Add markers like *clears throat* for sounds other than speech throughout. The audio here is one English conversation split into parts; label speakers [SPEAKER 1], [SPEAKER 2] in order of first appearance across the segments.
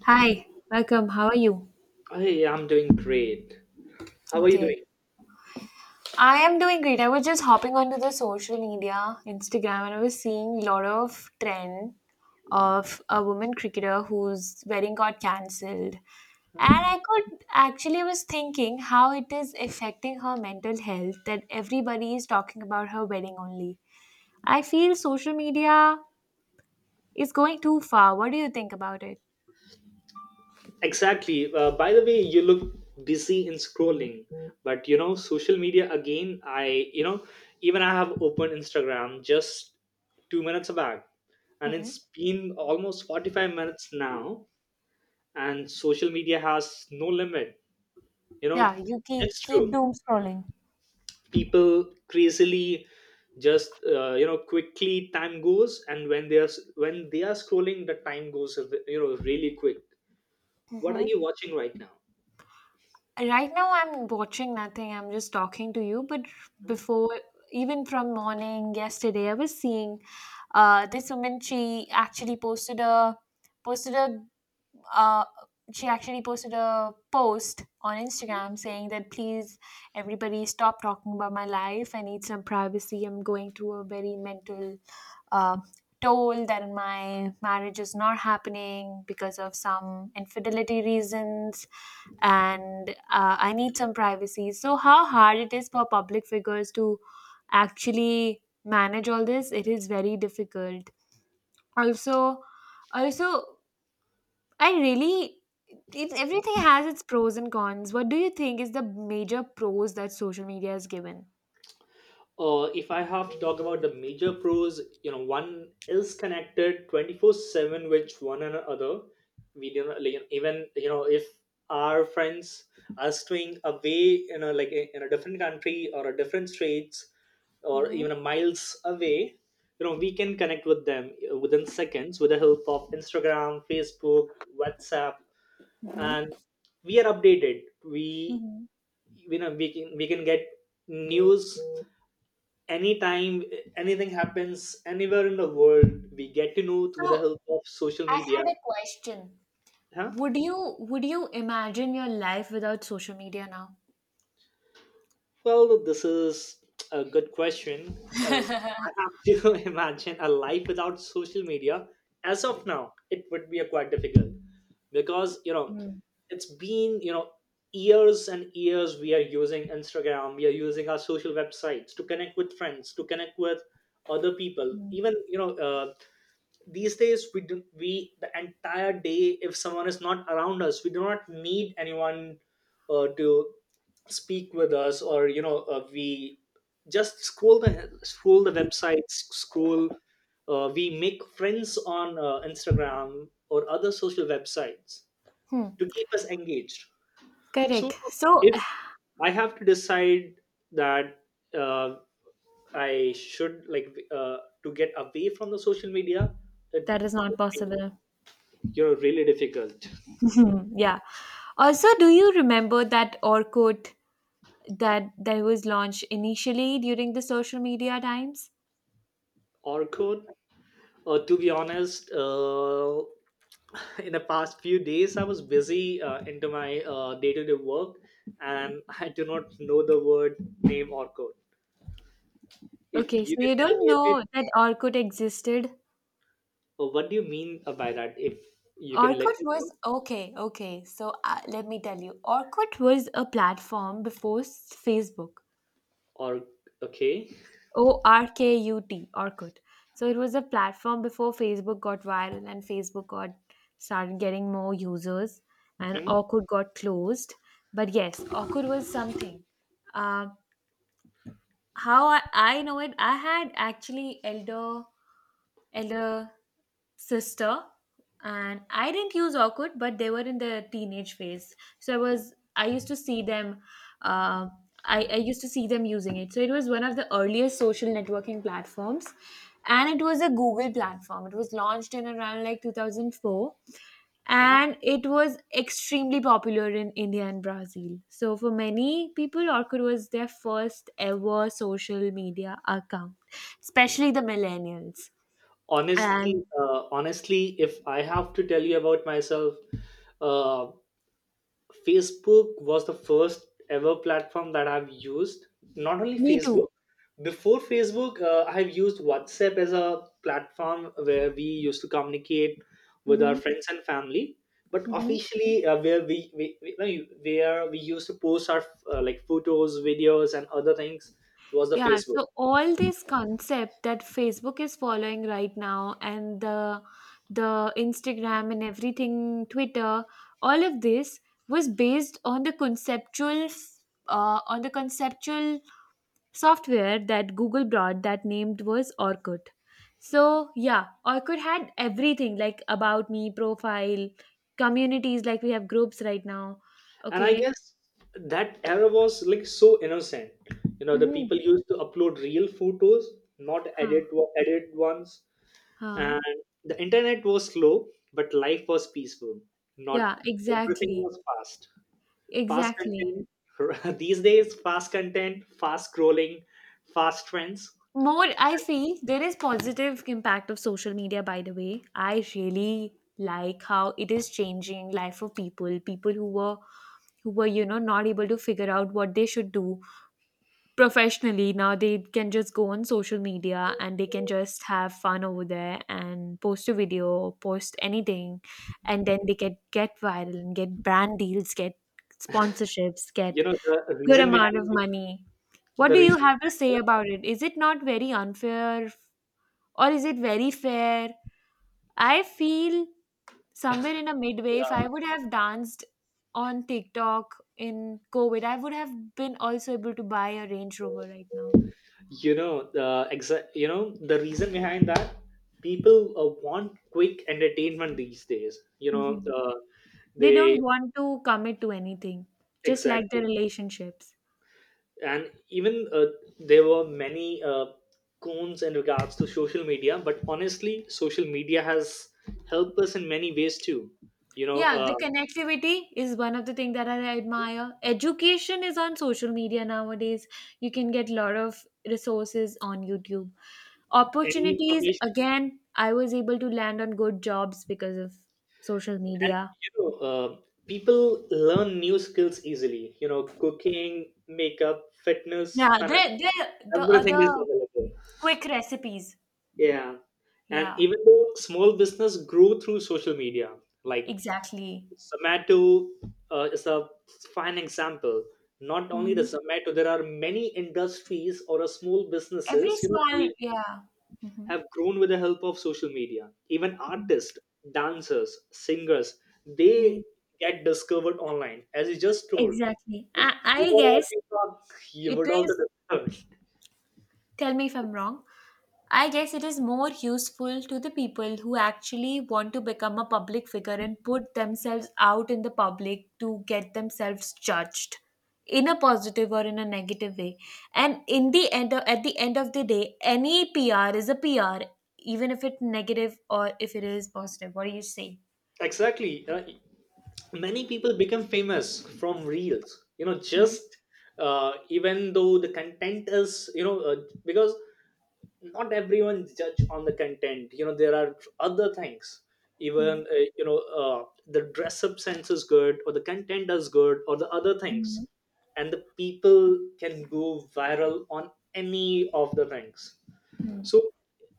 [SPEAKER 1] Hi, welcome. How are you?
[SPEAKER 2] Hey, I'm doing great. How are you
[SPEAKER 1] Okay.
[SPEAKER 2] doing?
[SPEAKER 1] I am doing great. I was just hopping onto the social media, Instagram, and I was seeing a lot of trend of a woman cricketer whose wedding got cancelled. And I could actually was thinking how it is affecting her mental health that everybody is talking about her wedding only. I feel social media is going too far. What do you think about it?
[SPEAKER 2] Exactly. By the way, you look busy in scrolling, but you know, social media again. Even I have opened Instagram just two minutes back, and
[SPEAKER 1] Hmm
[SPEAKER 2] it's been almost 45 minutes now. And social media has no limit. You know,
[SPEAKER 1] Yeah, you
[SPEAKER 2] it's
[SPEAKER 1] keep
[SPEAKER 2] true.
[SPEAKER 1] doom scrolling.
[SPEAKER 2] People crazily just quickly time goes and when they are scrolling the time goes, you know, really quick. What are you
[SPEAKER 1] Hmm
[SPEAKER 2] watching right now?
[SPEAKER 1] Right now, I'm watching nothing. I'm just talking to you. But before, even from morning yesterday, I was seeing this woman. She actually posted a posted a uh, she actually posted a post on Instagram saying that please everybody stop talking about my life. I need some privacy. I'm going through a very mental uh, toll that my marriage is not happening because of some infidelity reasons and I need some privacy. So how hard it is for public figures to actually manage all this. It is very difficult. Also also I really, it, everything has its pros and cons. What do you think is the major pros that social media has given?
[SPEAKER 2] If I have to talk about the major pros, you know, one is connected 24/7 with one another. We do not, like, even you know, if our friends are staying away, you know, like in a different country or a different states or
[SPEAKER 1] Hmm.
[SPEAKER 2] even a miles away, you know, we can connect with them within seconds with the help of Instagram, Facebook, WhatsApp, and we are updated. We,
[SPEAKER 1] hmm
[SPEAKER 2] you know, we can get news anytime. Anything happens anywhere in the world, we get to know through the
[SPEAKER 1] So
[SPEAKER 2] help of social
[SPEAKER 1] I
[SPEAKER 2] media.
[SPEAKER 1] had a question.
[SPEAKER 2] Huh.
[SPEAKER 1] Would you imagine your life without social media now?
[SPEAKER 2] Well, this is a good question. If I have to *laughs* imagine a life without social media, as of now, it would be a quite difficult because you know
[SPEAKER 1] Mm-hmm.
[SPEAKER 2] it's been, you know, years and years we are using Instagram, we are using our social websites to connect with friends, to connect with other people. Even these days we the entire day, if someone is not around us, we do not need anyone to speak with us, or we just scroll the websites, scroll, we make friends on instagram or other social websites to keep us engaged. So
[SPEAKER 1] Correct. So
[SPEAKER 2] if
[SPEAKER 1] *sighs*
[SPEAKER 2] I have to decide that, uh, I should like to get away from the social media, it
[SPEAKER 1] that is not
[SPEAKER 2] would be,
[SPEAKER 1] possible.
[SPEAKER 2] you know, really difficult.
[SPEAKER 1] Mhm. *laughs* yeah. Also, do you remember that Orkut that was launched initially during the social media times?
[SPEAKER 2] Or code. To be honest, *laughs* in the past few days I was busy into my day-to-day work, and I do not know the word name or code. If
[SPEAKER 1] Okay, so
[SPEAKER 2] you can
[SPEAKER 1] you
[SPEAKER 2] tell
[SPEAKER 1] don't
[SPEAKER 2] me a bit
[SPEAKER 1] know that Orkut existed.
[SPEAKER 2] what do you mean by that, if you can
[SPEAKER 1] Orkut
[SPEAKER 2] let me know.
[SPEAKER 1] was okay, okay. So let me tell you, Orkut was a platform before Facebook.
[SPEAKER 2] Or okay.
[SPEAKER 1] Orkut, Orkut. So it was a platform before Facebook got viral and Facebook got started getting more users, and
[SPEAKER 2] Hmm,
[SPEAKER 1] Orkut got closed. But yes, Orkut was something. Uh, how I know it, I had actually elder sister, and I didn't use Orkut, but they were in their teenage phase, so I used to see them uh, I used to see them using it. So it was one of the earliest social networking platforms, and it was a Google platform. It was launched in around like 2004,
[SPEAKER 2] hmm.
[SPEAKER 1] and it was extremely popular in India and Brazil. So for many people Orkut was their first ever social media account, especially the millennials.
[SPEAKER 2] Honestly,
[SPEAKER 1] And
[SPEAKER 2] if I have to tell you about myself, uh, Facebook was the first ever platform that I've used. Not only
[SPEAKER 1] Me too.
[SPEAKER 2] Facebook, before Facebook, I've used WhatsApp as a platform where we used to communicate with our
[SPEAKER 1] Mhm.
[SPEAKER 2] friends and family. But
[SPEAKER 1] Mhm.
[SPEAKER 2] officially, where we no, you- where we used to post our like photos, videos, and other things was the
[SPEAKER 1] Yeah,
[SPEAKER 2] Facebook.
[SPEAKER 1] so all this concept that Facebook is following right now and the Instagram and everything, Twitter, all of this was based on the conceptual software that Google brought, that named was Orkut. So yeah, Orkut had everything like about me, profile, communities like we have groups right now.
[SPEAKER 2] And I
[SPEAKER 1] Okay.
[SPEAKER 2] guess that era was like so innocent. You know, the
[SPEAKER 1] Mhm.
[SPEAKER 2] people used to upload real photos, not edit
[SPEAKER 1] Huh.
[SPEAKER 2] edit ones,
[SPEAKER 1] Huh.
[SPEAKER 2] and the internet was slow but life was peaceful. Not
[SPEAKER 1] Yeah,
[SPEAKER 2] everything
[SPEAKER 1] exactly.
[SPEAKER 2] was fast. Fast
[SPEAKER 1] Exactly.
[SPEAKER 2] content. *laughs* These days fast content, fast scrolling, fast trends.
[SPEAKER 1] More, I feel there is positive impact of social media, by the way. I really like how it is changing life of people, people who were, you know, not able to figure out what they should do professionally. Now they can just go on social media and they can just have fun over there and post a video, post anything, and then they get viral and get brand deals, get sponsorships,
[SPEAKER 2] You
[SPEAKER 1] get
[SPEAKER 2] know the
[SPEAKER 1] good
[SPEAKER 2] reason
[SPEAKER 1] amount of
[SPEAKER 2] behind it,
[SPEAKER 1] money. What
[SPEAKER 2] the
[SPEAKER 1] do
[SPEAKER 2] reason
[SPEAKER 1] you have to say
[SPEAKER 2] behind
[SPEAKER 1] about it? Is it not very unfair or is it very fair? I feel somewhere in a midway,
[SPEAKER 2] it,
[SPEAKER 1] if I would have danced on TikTok in COVID, I would have been also able to buy a Range Rover right now.
[SPEAKER 2] you know the you know the reason behind that, people want quick entertainment these days, you know.
[SPEAKER 1] Mhm.
[SPEAKER 2] uh,
[SPEAKER 1] They
[SPEAKER 2] they
[SPEAKER 1] don't want to commit to anything, just like the
[SPEAKER 2] exactly.
[SPEAKER 1] relationships.
[SPEAKER 2] And even there were many cones in regards to social media, but honestly social media has helped us in many ways too, you know.
[SPEAKER 1] Yeah,
[SPEAKER 2] uh,
[SPEAKER 1] the connectivity is one of the things that I admire. Education is on social media nowadays. You can get a lot of resources on YouTube.
[SPEAKER 2] any
[SPEAKER 1] Opportunities,
[SPEAKER 2] information.
[SPEAKER 1] again, I was able to land on good jobs because of social
[SPEAKER 2] And
[SPEAKER 1] media.
[SPEAKER 2] you know, people learn new skills easily, you know, cooking, makeup, fitness,
[SPEAKER 1] Yeah,
[SPEAKER 2] finance,
[SPEAKER 1] they the
[SPEAKER 2] everything is
[SPEAKER 1] other
[SPEAKER 2] available.
[SPEAKER 1] quick recipes.
[SPEAKER 2] Yeah. And
[SPEAKER 1] Yeah,
[SPEAKER 2] even though small business grew through social media, like
[SPEAKER 1] exactly.
[SPEAKER 2] Zomato is a fine example. Not only the
[SPEAKER 1] hmm
[SPEAKER 2] Zomato, there are many industries or a small
[SPEAKER 1] Every
[SPEAKER 2] businesses, you know,
[SPEAKER 1] small,
[SPEAKER 2] they
[SPEAKER 1] yeah. hmm
[SPEAKER 2] have grown with the help of social media. Even artists, dancers, singers, they
[SPEAKER 1] Mhm.
[SPEAKER 2] get discovered online. As you just told,
[SPEAKER 1] Exactly.
[SPEAKER 2] if
[SPEAKER 1] I,
[SPEAKER 2] you
[SPEAKER 1] I
[SPEAKER 2] were on
[SPEAKER 1] guess
[SPEAKER 2] TikTok, you
[SPEAKER 1] it
[SPEAKER 2] would also
[SPEAKER 1] is.
[SPEAKER 2] discovered. *laughs*
[SPEAKER 1] Tell me if I'm wrong. I guess it is more useful to the people who actually want to become a public figure and put themselves out in the public to get themselves judged in a positive or in a negative way. And in the end, at the end of the day, any PR is a PR, even if it's negative or if it is positive. What do you say?
[SPEAKER 2] Exactly. Many people become famous from reels. You know, just even though the content is, you know, because not everyone judge on the content, you know, there are other things.
[SPEAKER 1] Hmm.
[SPEAKER 2] Even the dress up sense is good or the content is good or the other
[SPEAKER 1] Hmm.
[SPEAKER 2] things, and the people can go viral on any of the things.
[SPEAKER 1] Hmm.
[SPEAKER 2] So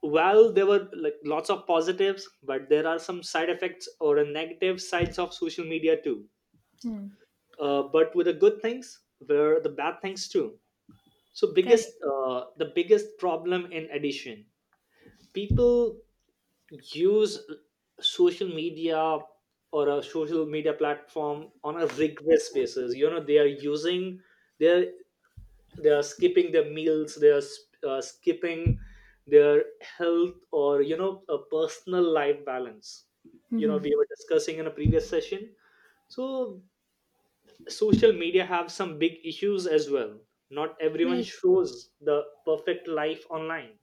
[SPEAKER 2] while there were like lots of positives, but there are some side effects or a negative sides of social media too.
[SPEAKER 1] Hmm.
[SPEAKER 2] But with the good things were the bad things too. So biggest,
[SPEAKER 1] Correct.
[SPEAKER 2] the biggest problem in addition, people use social media or a social media platform on a rigorous basis, you know, they are using, they're, they are skipping their meals, they are skipping their health or you know a personal life balance. You know,
[SPEAKER 1] Hmm
[SPEAKER 2] we were discussing in a previous session. So social media have some big issues as well. Not everyone
[SPEAKER 1] Correct.
[SPEAKER 2] shows the perfect life online.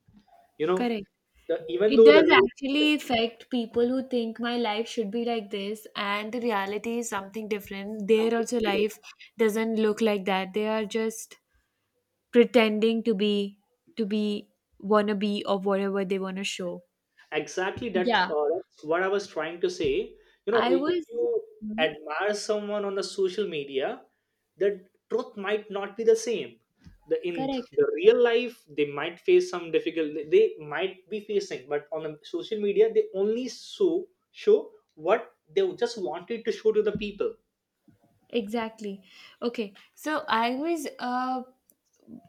[SPEAKER 2] You know,
[SPEAKER 1] Correct.
[SPEAKER 2] the, even
[SPEAKER 1] It
[SPEAKER 2] though the
[SPEAKER 1] does
[SPEAKER 2] real
[SPEAKER 1] actually affect people who think my life should be like this, and the reality is something different. Their also
[SPEAKER 2] completely,
[SPEAKER 1] life doesn't look like that. They are just pretending to be wanna be or whatever they wanna show.
[SPEAKER 2] exactly that,
[SPEAKER 1] Yeah,
[SPEAKER 2] that's what I was trying to say. You know,
[SPEAKER 1] I
[SPEAKER 2] I- if
[SPEAKER 1] was.
[SPEAKER 2] you
[SPEAKER 1] Mhm.
[SPEAKER 2] admire someone on the social media, the truth might not be the same. The in
[SPEAKER 1] Correct.
[SPEAKER 2] the real life they might face some difficult they might be facing, but on the social media they only show what they just wanted to show to the people.
[SPEAKER 1] Exactly. Okay, so I was uh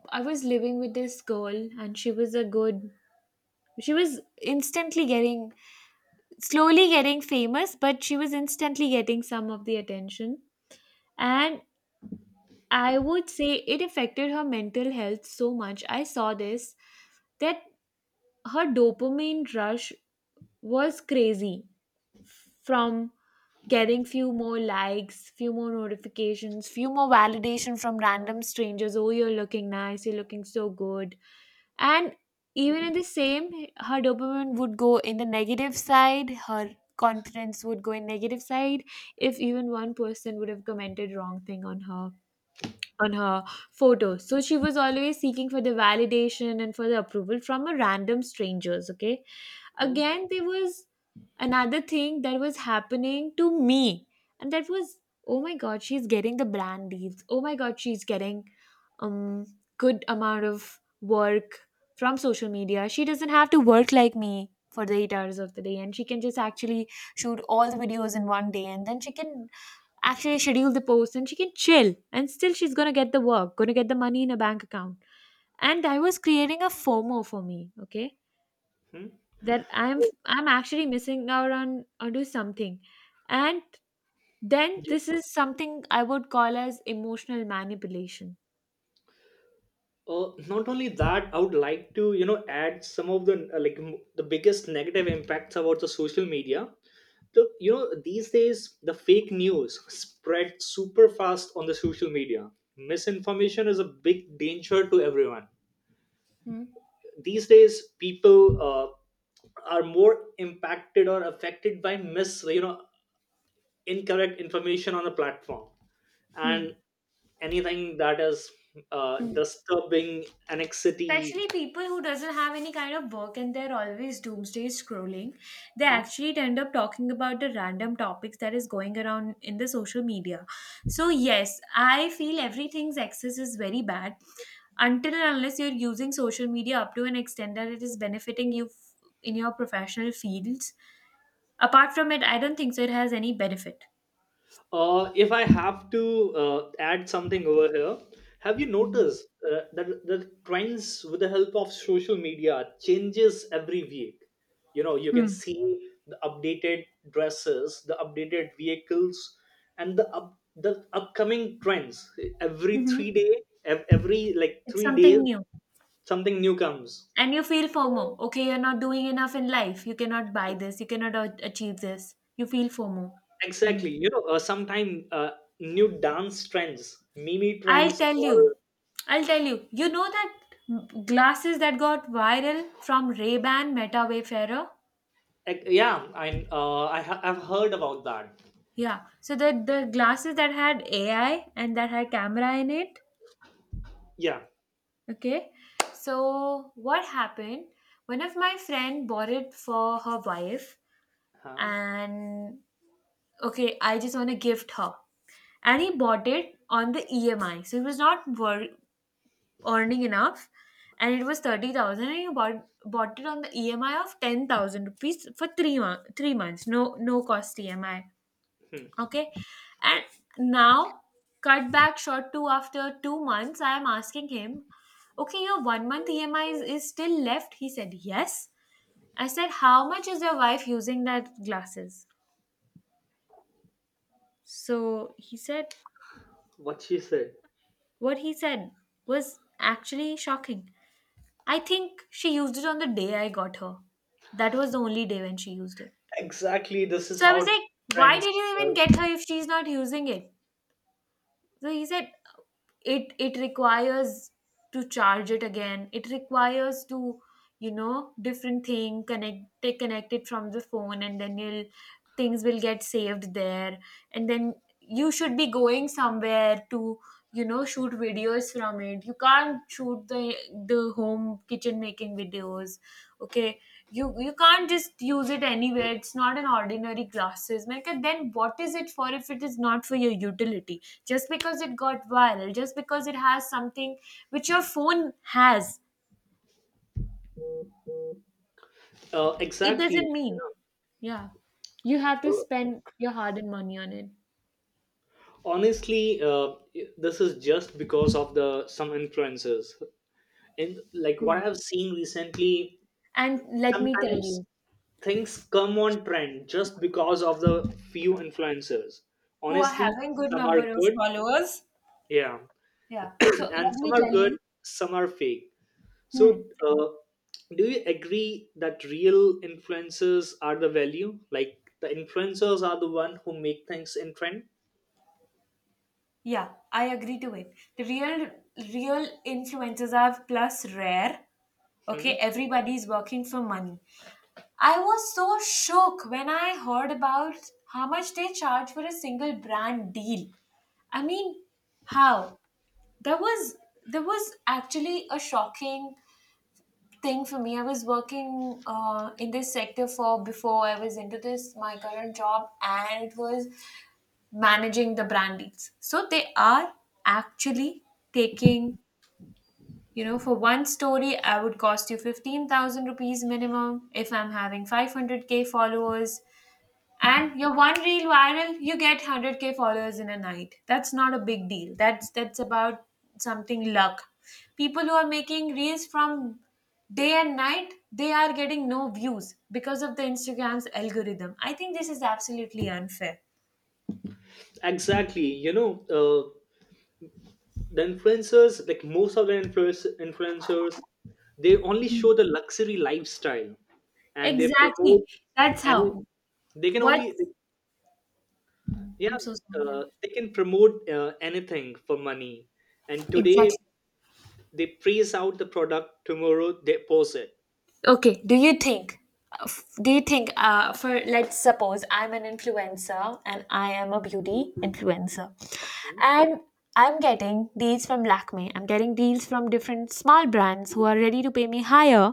[SPEAKER 1] I was living with this girl, and she was a good. She was instantly getting slowly getting famous, but she was instantly getting some of the attention. And I would say it affected her mental health so much. I saw this that her dopamine rush was crazy from getting few more likes, few more notifications, few more validation from random strangers. Oh, you're looking nice. You're looking so good. And even in the same, her dopamine would go in the negative side. Her confidence would go in negative side if even one person would have commented wrong thing on her photos. So she was always seeking for the validation and for the approval from a random strangers. Okay.
[SPEAKER 2] Hmm?
[SPEAKER 1] Again, there was another thing that was happening to me. And that was, oh my God, she's getting the brand deals. Oh my God, she's getting um good amount of work from social media. She doesn't have to work like me for the 8 hours of the day, and she can just actually shoot all the videos in one day, and then she can actually schedule the post and she can chill, and still she's gonna get the work, gonna get the money in a bank account. And I was creating a FOMO for me. Okay,
[SPEAKER 2] Hmm?
[SPEAKER 1] that i'm
[SPEAKER 2] So,
[SPEAKER 1] i'm actually missing out on onto something. And then
[SPEAKER 2] yeah.
[SPEAKER 1] this is something I would call as emotional manipulation.
[SPEAKER 2] Not only that, I would like to you know add some of the the biggest negative impacts about the social media. The you know these days the fake news spread super fast on the social media. Misinformation is a big danger to everyone.
[SPEAKER 1] Hmm.
[SPEAKER 2] These days, people are more impacted or affected by mis, you know, incorrect information on a platform, and anything that is
[SPEAKER 1] Hmm.
[SPEAKER 2] disturbing anxiety.
[SPEAKER 1] Especially people who doesn't have any kind of work and they're always doomsday scrolling, they actually end up talking about the random topics that is going around in the social media. So yes, I feel everything's excess is very bad until and unless you're using social media up to an extent that it is benefiting you in your professional fields. Apart from it, I don't think so it has any benefit.
[SPEAKER 2] If I have to add something over here, have you
[SPEAKER 1] Mhm.
[SPEAKER 2] noticed that the trends with the help of social media changes every week? You know, you can
[SPEAKER 1] Hmm.
[SPEAKER 2] see the updated dresses, the updated vehicles, and the up, the upcoming trends every three
[SPEAKER 1] Mm-hmm.
[SPEAKER 2] day, every like
[SPEAKER 1] It's
[SPEAKER 2] 3 days,
[SPEAKER 1] something new.
[SPEAKER 2] something new comes.
[SPEAKER 1] And you feel FOMO. Okay, you're not doing enough in life. You cannot buy
[SPEAKER 2] Ex-
[SPEAKER 1] this. You cannot achieve this. You feel FOMO.
[SPEAKER 2] Exactly.
[SPEAKER 1] Mhm.
[SPEAKER 2] You know, sometimes new dance trends, mimi
[SPEAKER 1] I'll
[SPEAKER 2] trends.
[SPEAKER 1] tell you. I'll tell you. You know that glasses that got viral from Ray-Ban, Meta Wayfarer?
[SPEAKER 2] Like, yeah, I I've heard about that.
[SPEAKER 1] Yeah. So the glasses that had AI and that had camera in it.
[SPEAKER 2] Yeah.
[SPEAKER 1] Okay. So what happened? One of my friend bought it for her wife
[SPEAKER 2] Huh?
[SPEAKER 1] and okay, I just want to gift her. And he bought it on the EMI. So he was not earning enough, and it was 30,000, and he bought it on the EMI of 10,000 rupees for 3 months. 3 months, no cost EMI.
[SPEAKER 2] Hmm.
[SPEAKER 1] Okay, and now cut back short to after 2 months. I am asking him, okay, your 1 month EMI is still left. He said yes. I said, how much is your wife using that glasses? So he said,
[SPEAKER 2] What she said.
[SPEAKER 1] what he said was actually shocking. I think she used it on the day I got her. That was the only day when she used it.
[SPEAKER 2] Exactly. This is
[SPEAKER 1] So I was
[SPEAKER 2] how
[SPEAKER 1] like, why
[SPEAKER 2] trends.
[SPEAKER 1] did you even
[SPEAKER 2] Uh,
[SPEAKER 1] get her if she's not using it? So he said, it requires to charge it again. It requires to, you know, different thing connect, they connect it from the phone, and then you'll things will get saved there. And then you should be going somewhere to, you know, shoot videos from it. You can't shoot the home kitchen making videos. Okay, you can't just use it anywhere. It's not an ordinary glasses. Like, then what is it for if it is not for your utility? Just because it got viral, just because it has something which your phone has, it
[SPEAKER 2] exactly. Yeah.
[SPEAKER 1] doesn't mean yeah you have to
[SPEAKER 2] Uh,
[SPEAKER 1] spend your hard-earned money on it.
[SPEAKER 2] honestly, this is just because of the some influences and like what
[SPEAKER 1] Hmm.
[SPEAKER 2] I've seen recently.
[SPEAKER 1] And let me tell
[SPEAKER 2] Sometimes
[SPEAKER 1] you
[SPEAKER 2] things come on trend just because of the few influencers.
[SPEAKER 1] who are
[SPEAKER 2] Honestly,
[SPEAKER 1] having good
[SPEAKER 2] some are
[SPEAKER 1] number of
[SPEAKER 2] good.
[SPEAKER 1] followers.
[SPEAKER 2] Yeah,
[SPEAKER 1] Yeah,
[SPEAKER 2] *coughs*
[SPEAKER 1] so
[SPEAKER 2] *clears throat* and
[SPEAKER 1] let
[SPEAKER 2] some
[SPEAKER 1] me
[SPEAKER 2] are
[SPEAKER 1] tell
[SPEAKER 2] good.
[SPEAKER 1] you.
[SPEAKER 2] Some are fake.
[SPEAKER 1] Hmm.
[SPEAKER 2] So, do you agree that real influencers are the value? Like the influencers are the one who make things in trend.
[SPEAKER 1] Yeah, I agree to it. The real influencers are plus rare.
[SPEAKER 2] Hmm.
[SPEAKER 1] Okay, everybody's working for money. I was so shook when I heard about how much they charge for a single brand deal. I mean, how- that was that was actually a shocking thing for me. I was working in this sector for before I was into this my current job, and it was managing the brand deals. So they are actually taking, for one story, I would cost you 15,000 rupees minimum. If I'm having 500k followers and your one reel viral, you get 100k followers in a night. That's not a big deal. That's about something luck. People who are making reels from day and night, they are getting no views because of the Instagram's algorithm. I think this is absolutely unfair.
[SPEAKER 2] Exactly. You know, the influencers, like most of the influencers, they only show the luxury lifestyle, and they
[SPEAKER 1] Exactly.
[SPEAKER 2] promote
[SPEAKER 1] That's
[SPEAKER 2] any.
[SPEAKER 1] how.
[SPEAKER 2] They can
[SPEAKER 1] What?
[SPEAKER 2] only, yeah,
[SPEAKER 1] I'm so sorry. Yeah.
[SPEAKER 2] they can promote anything for money. And today
[SPEAKER 1] Exactly.
[SPEAKER 2] they praise out the product. Tomorrow they post it.
[SPEAKER 1] Okay, do you think? Do you think? For let's suppose I'm an influencer and I am a beauty influencer, and I'm getting deals from Lakme. I'm getting deals from different small brands who are ready to pay me higher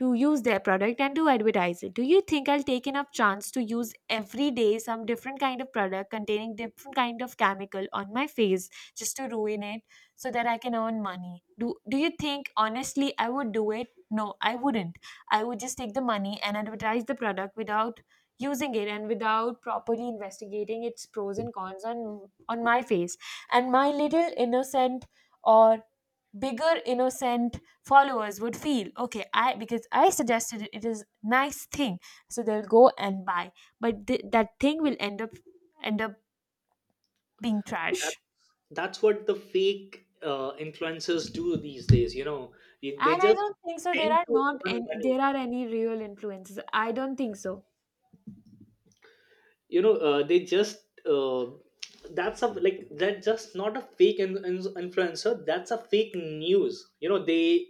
[SPEAKER 1] to use their product and to advertise it. Do you think I'll take enough chance to use every day some different kind of product containing different kind of chemical on my face just to ruin it so that I can earn money? Do you think, honestly, I would do it? No, I wouldn't. I would just take the money and advertise the product without using it and without properly investigating its pros and cons on my face, and my little innocent or bigger innocent followers would feel okay, I- because I suggested it, it is nice thing. So they'll go and buy, but that thing will end up being
[SPEAKER 2] Hmm.
[SPEAKER 1] trash.
[SPEAKER 2] That's what the fake influencers do these days, you know. Y- they
[SPEAKER 1] And I
[SPEAKER 2] just
[SPEAKER 1] don't think so there
[SPEAKER 2] tend
[SPEAKER 1] are
[SPEAKER 2] to
[SPEAKER 1] not
[SPEAKER 2] earn
[SPEAKER 1] any,
[SPEAKER 2] money.
[SPEAKER 1] there are any real influences. I don't think so.
[SPEAKER 2] You know, they just that's a like that's just not a fake influencer, that's a fake news, you know. They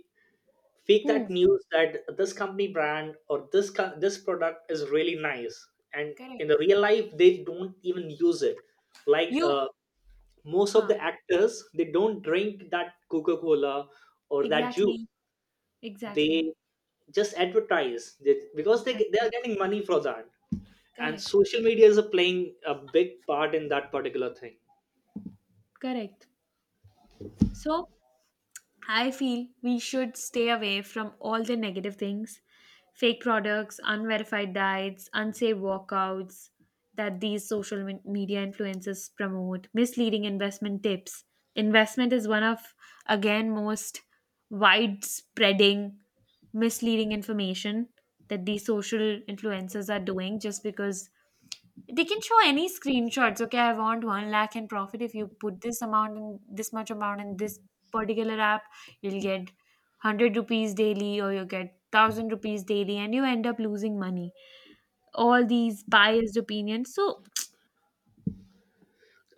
[SPEAKER 2] fake that
[SPEAKER 1] Hmm.
[SPEAKER 2] news that this company brand or this this product is really nice, and in the
[SPEAKER 1] Correct.
[SPEAKER 2] real life they don't even use it. Like,
[SPEAKER 1] You.
[SPEAKER 2] most of
[SPEAKER 1] Huh.
[SPEAKER 2] the actors they don't drink that coca-cola or that juice.
[SPEAKER 1] Exactly. Exactly.
[SPEAKER 2] They just advertise they, because they are
[SPEAKER 1] Exactly.
[SPEAKER 2] getting money for that, and
[SPEAKER 1] Correct.
[SPEAKER 2] social media is playing a big part in that particular thing.
[SPEAKER 1] Correct. So I feel we should stay away from all the negative things: fake products, unverified diets, unsafe workouts that these media influencers promote, misleading investment tips. Investment is one of, again, most widespreading misleading information that these social influencers are doing just because they can show any screenshots. Okay, I want one lakh in profit. If you put this amount in, this much amount in this particular app, you'll get 100 rupees daily, or you get 1,000 rupees daily, and you end up losing money. All these biased opinions. So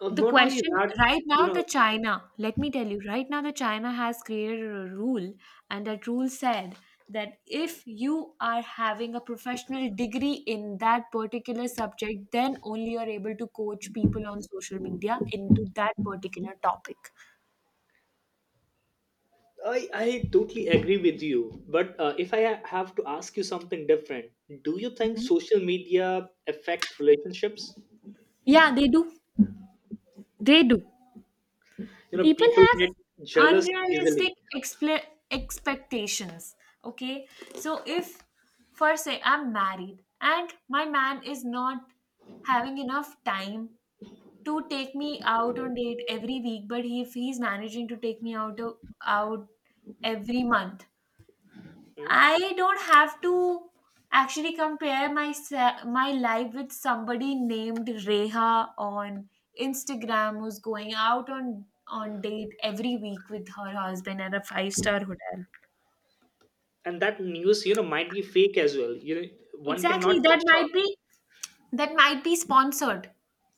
[SPEAKER 2] uh,
[SPEAKER 1] the
[SPEAKER 2] not only
[SPEAKER 1] question
[SPEAKER 2] that,
[SPEAKER 1] right
[SPEAKER 2] you
[SPEAKER 1] now,
[SPEAKER 2] know,
[SPEAKER 1] the China, let me tell you, right now, the China has created a rule, and that rule said that if you are having a professional degree in that particular subject, then only you're able to coach people on social media into that particular topic.
[SPEAKER 2] I totally agree with you, but if I have to ask you something different, do you think
[SPEAKER 1] Mhm.
[SPEAKER 2] social media affect relationships?
[SPEAKER 1] Yeah, they do. They do.
[SPEAKER 2] You know,
[SPEAKER 1] People
[SPEAKER 2] people
[SPEAKER 1] have
[SPEAKER 2] get jealous easily.
[SPEAKER 1] unrealistic expectations. Okay, so if, for say I'm married and my man is not having enough time to take me out on date every week, but if he's managing to take me out out every month,
[SPEAKER 2] Hmm?
[SPEAKER 1] I don't have to actually compare my life with somebody named Reha on Instagram who's going out on date every week with her husband at a five-star hotel.
[SPEAKER 2] And that news, you know, might be fake as well, you know. One
[SPEAKER 1] Exactly,
[SPEAKER 2] cannot
[SPEAKER 1] that
[SPEAKER 2] assure.
[SPEAKER 1] might be that might be sponsored,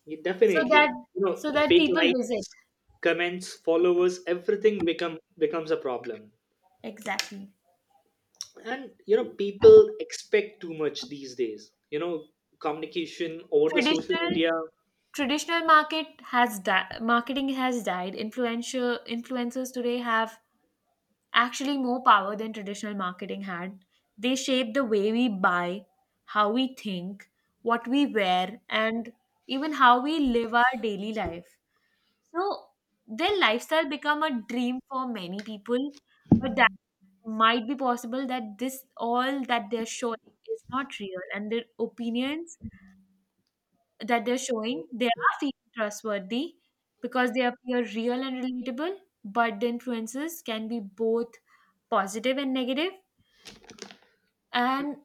[SPEAKER 2] Yeah,
[SPEAKER 1] so that
[SPEAKER 2] definitely. You know,
[SPEAKER 1] so that
[SPEAKER 2] fake
[SPEAKER 1] people visit.
[SPEAKER 2] likes, comments, followers, everything becomes a problem.
[SPEAKER 1] Exactly.
[SPEAKER 2] And you know, people expect too much these days. You know, communication over the social
[SPEAKER 1] Traditional
[SPEAKER 2] media.
[SPEAKER 1] traditional marketing has died. Influential influencers today have actually more power than traditional marketing had. They shape the way we buy, how we think, what we wear, and even how we live our daily life. So their lifestyle become a dream for many people, but that might be possible that this all that they're showing is not real, and their opinions that they're showing, they are feeling trustworthy because they appear real and relatable. But the influences can be both positive and negative, and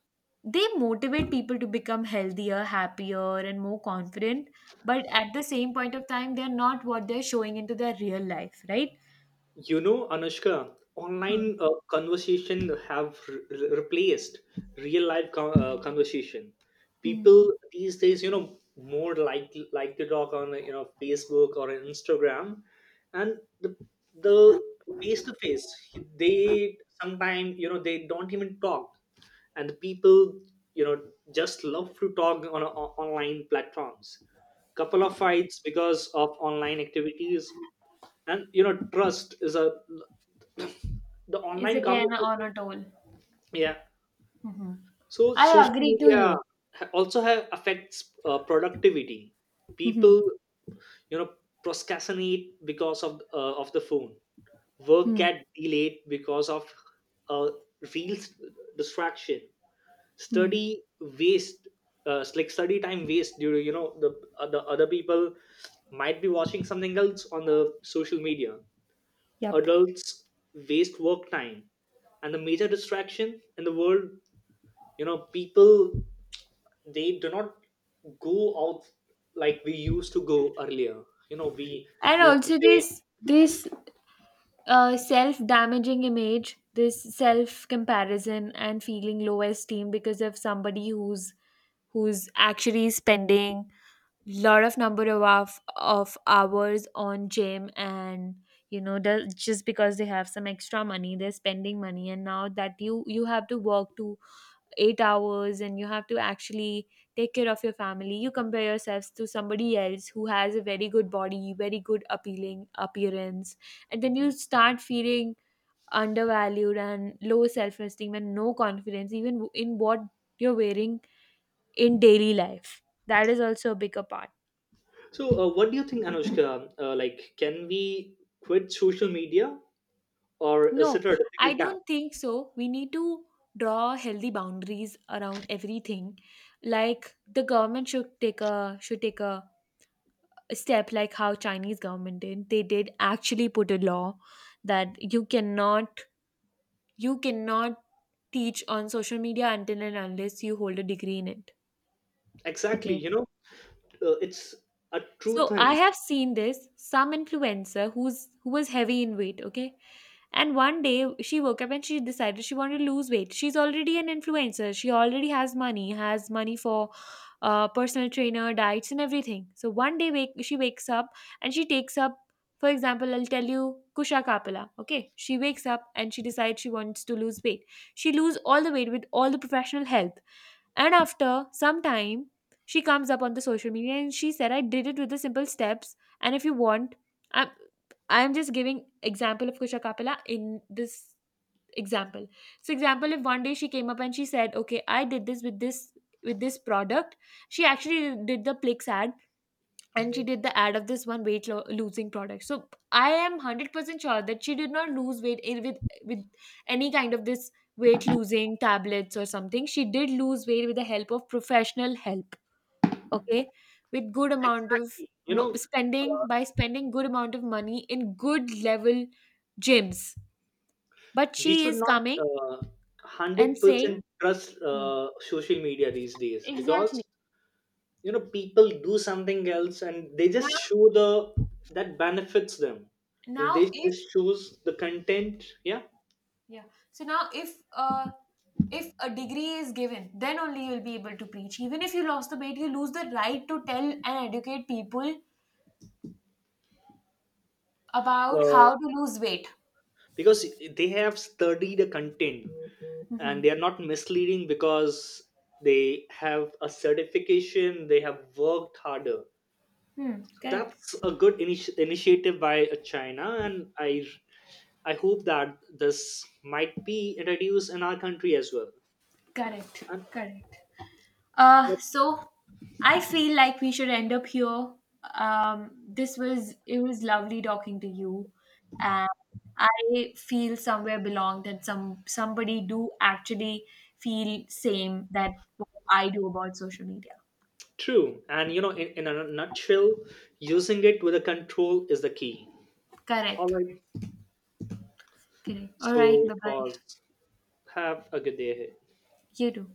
[SPEAKER 1] they motivate people to become healthier, happier, and more confident. But at the same point of time, they're not what they're showing into their real life, right?
[SPEAKER 2] You know, Anushka,
[SPEAKER 1] Mhm.
[SPEAKER 2] online conversation have replaced real life conversation.
[SPEAKER 1] Mhm.
[SPEAKER 2] People these days, you know, more like to talk on, you know, Facebook or on Instagram, and the face to face they sometimes, you know, they don't even talk, and the people, you know, just love to talk on online platforms. Couple of fights because of online activities, and you know trust is a, the
[SPEAKER 1] Is
[SPEAKER 2] online
[SPEAKER 1] again on
[SPEAKER 2] communication,
[SPEAKER 1] a toll.
[SPEAKER 2] yeah.
[SPEAKER 1] Mhm.
[SPEAKER 2] So
[SPEAKER 1] I
[SPEAKER 2] social
[SPEAKER 1] agree to
[SPEAKER 2] media
[SPEAKER 1] you.
[SPEAKER 2] also have affects productivity. People,
[SPEAKER 1] Mhm.
[SPEAKER 2] you know, procrastinate because of the phone, work
[SPEAKER 1] Mhm.
[SPEAKER 2] get delayed because of uh, real distraction,
[SPEAKER 1] Mhm.
[SPEAKER 2] study waste, like study time waste due to, you know, the other people might be watching something else on the social media.
[SPEAKER 1] Yep.
[SPEAKER 2] Adults waste work time, and the major distraction in the world, you know, people they do not go out like we used to go earlier. You know, we
[SPEAKER 1] And
[SPEAKER 2] used to
[SPEAKER 1] also
[SPEAKER 2] play.
[SPEAKER 1] this self-damaging image, this self-comparison, and feeling low esteem because of somebody who's actually spending lot of number of hours on gym, and you know the, just because they have some extra money they're spending money. And now that you have to work to 8 hours, and you have to actually take care of your family. You compare yourselves to somebody else who has a very good body, very good appealing appearance, and then you start feeling undervalued and low self esteem and no confidence even in what you're wearing in daily life. That is also a bigger part.
[SPEAKER 2] So what do you think, Anushka, like can we quit social media or is
[SPEAKER 1] No,
[SPEAKER 2] it a
[SPEAKER 1] I
[SPEAKER 2] difficult task?
[SPEAKER 1] don't think so. We need to draw healthy boundaries around everything. Like the government should take a step like how Chinese government did. They did actually put a law that you cannot teach on social media until and unless you hold a degree in it.
[SPEAKER 2] Exactly,
[SPEAKER 1] Okay.
[SPEAKER 2] you know. It's a true
[SPEAKER 1] So I
[SPEAKER 2] thing.
[SPEAKER 1] have seen this, some influencer who was heavy in weight, okay? And one day she woke up and she decided she wanted to lose weight. She's already an influencer. She already has money for personal trainer, diets, and everything. So one day she wakes up and she takes up, for example, I'll tell you Kusha Kapila. Okay, she wakes up and she decides she wants to lose weight. She lose all the weight with all the professional help. And after some time, she comes up on the social media and she said, I did it with the simple steps. And if you want, I'm I'm just giving example of Kusha Kapila in this example. So example, if one day she came up and she said, okay, I did this with this product. She actually did the Plix ad, and she did the ad of this one losing product, so I am 100% sure that she did not lose weight with any kind of this weight losing tablets or something. She did lose weight with the help of professional help. Okay, with good amount of
[SPEAKER 2] Exactly, you know,
[SPEAKER 1] spending,
[SPEAKER 2] uh,
[SPEAKER 1] by spending good amount of money in good level gyms. But
[SPEAKER 2] we
[SPEAKER 1] she
[SPEAKER 2] should
[SPEAKER 1] is
[SPEAKER 2] not,
[SPEAKER 1] coming and saying.
[SPEAKER 2] 100% trust
[SPEAKER 1] Hmm.
[SPEAKER 2] social media these days,
[SPEAKER 1] Exactly.
[SPEAKER 2] because you know people do something else and they
[SPEAKER 1] now
[SPEAKER 2] just show the that benefits them, you know, they
[SPEAKER 1] now
[SPEAKER 2] just choose the content. Yeah,
[SPEAKER 1] Yeah. So now, if a degree is given, then only you'll be able to preach. Even if you lost the weight, you lose the right to tell and educate people about
[SPEAKER 2] uh,
[SPEAKER 1] how to lose weight.
[SPEAKER 2] because they have studied the content,
[SPEAKER 1] Mm-hmm.
[SPEAKER 2] and they are not misleading because they have a certification, they have worked harder.
[SPEAKER 1] Hmm. Correct.
[SPEAKER 2] That's a good initiative by China, and I hope that this might be introduced in our country as well.
[SPEAKER 1] Correct.
[SPEAKER 2] And
[SPEAKER 1] Correct. Uh,
[SPEAKER 2] but
[SPEAKER 1] so I feel like we should end up here. This was It was lovely talking to you, and I feel somewhere belonged, and somebody do actually feel same that what I do about social media.
[SPEAKER 2] true, and you know, in a nutshell, using it with a control is the key. All
[SPEAKER 1] Correct.
[SPEAKER 2] right.
[SPEAKER 1] Correct. All
[SPEAKER 2] So
[SPEAKER 1] right. Bye
[SPEAKER 2] it
[SPEAKER 1] bye.
[SPEAKER 2] was. Have a good day ahead.
[SPEAKER 1] You too.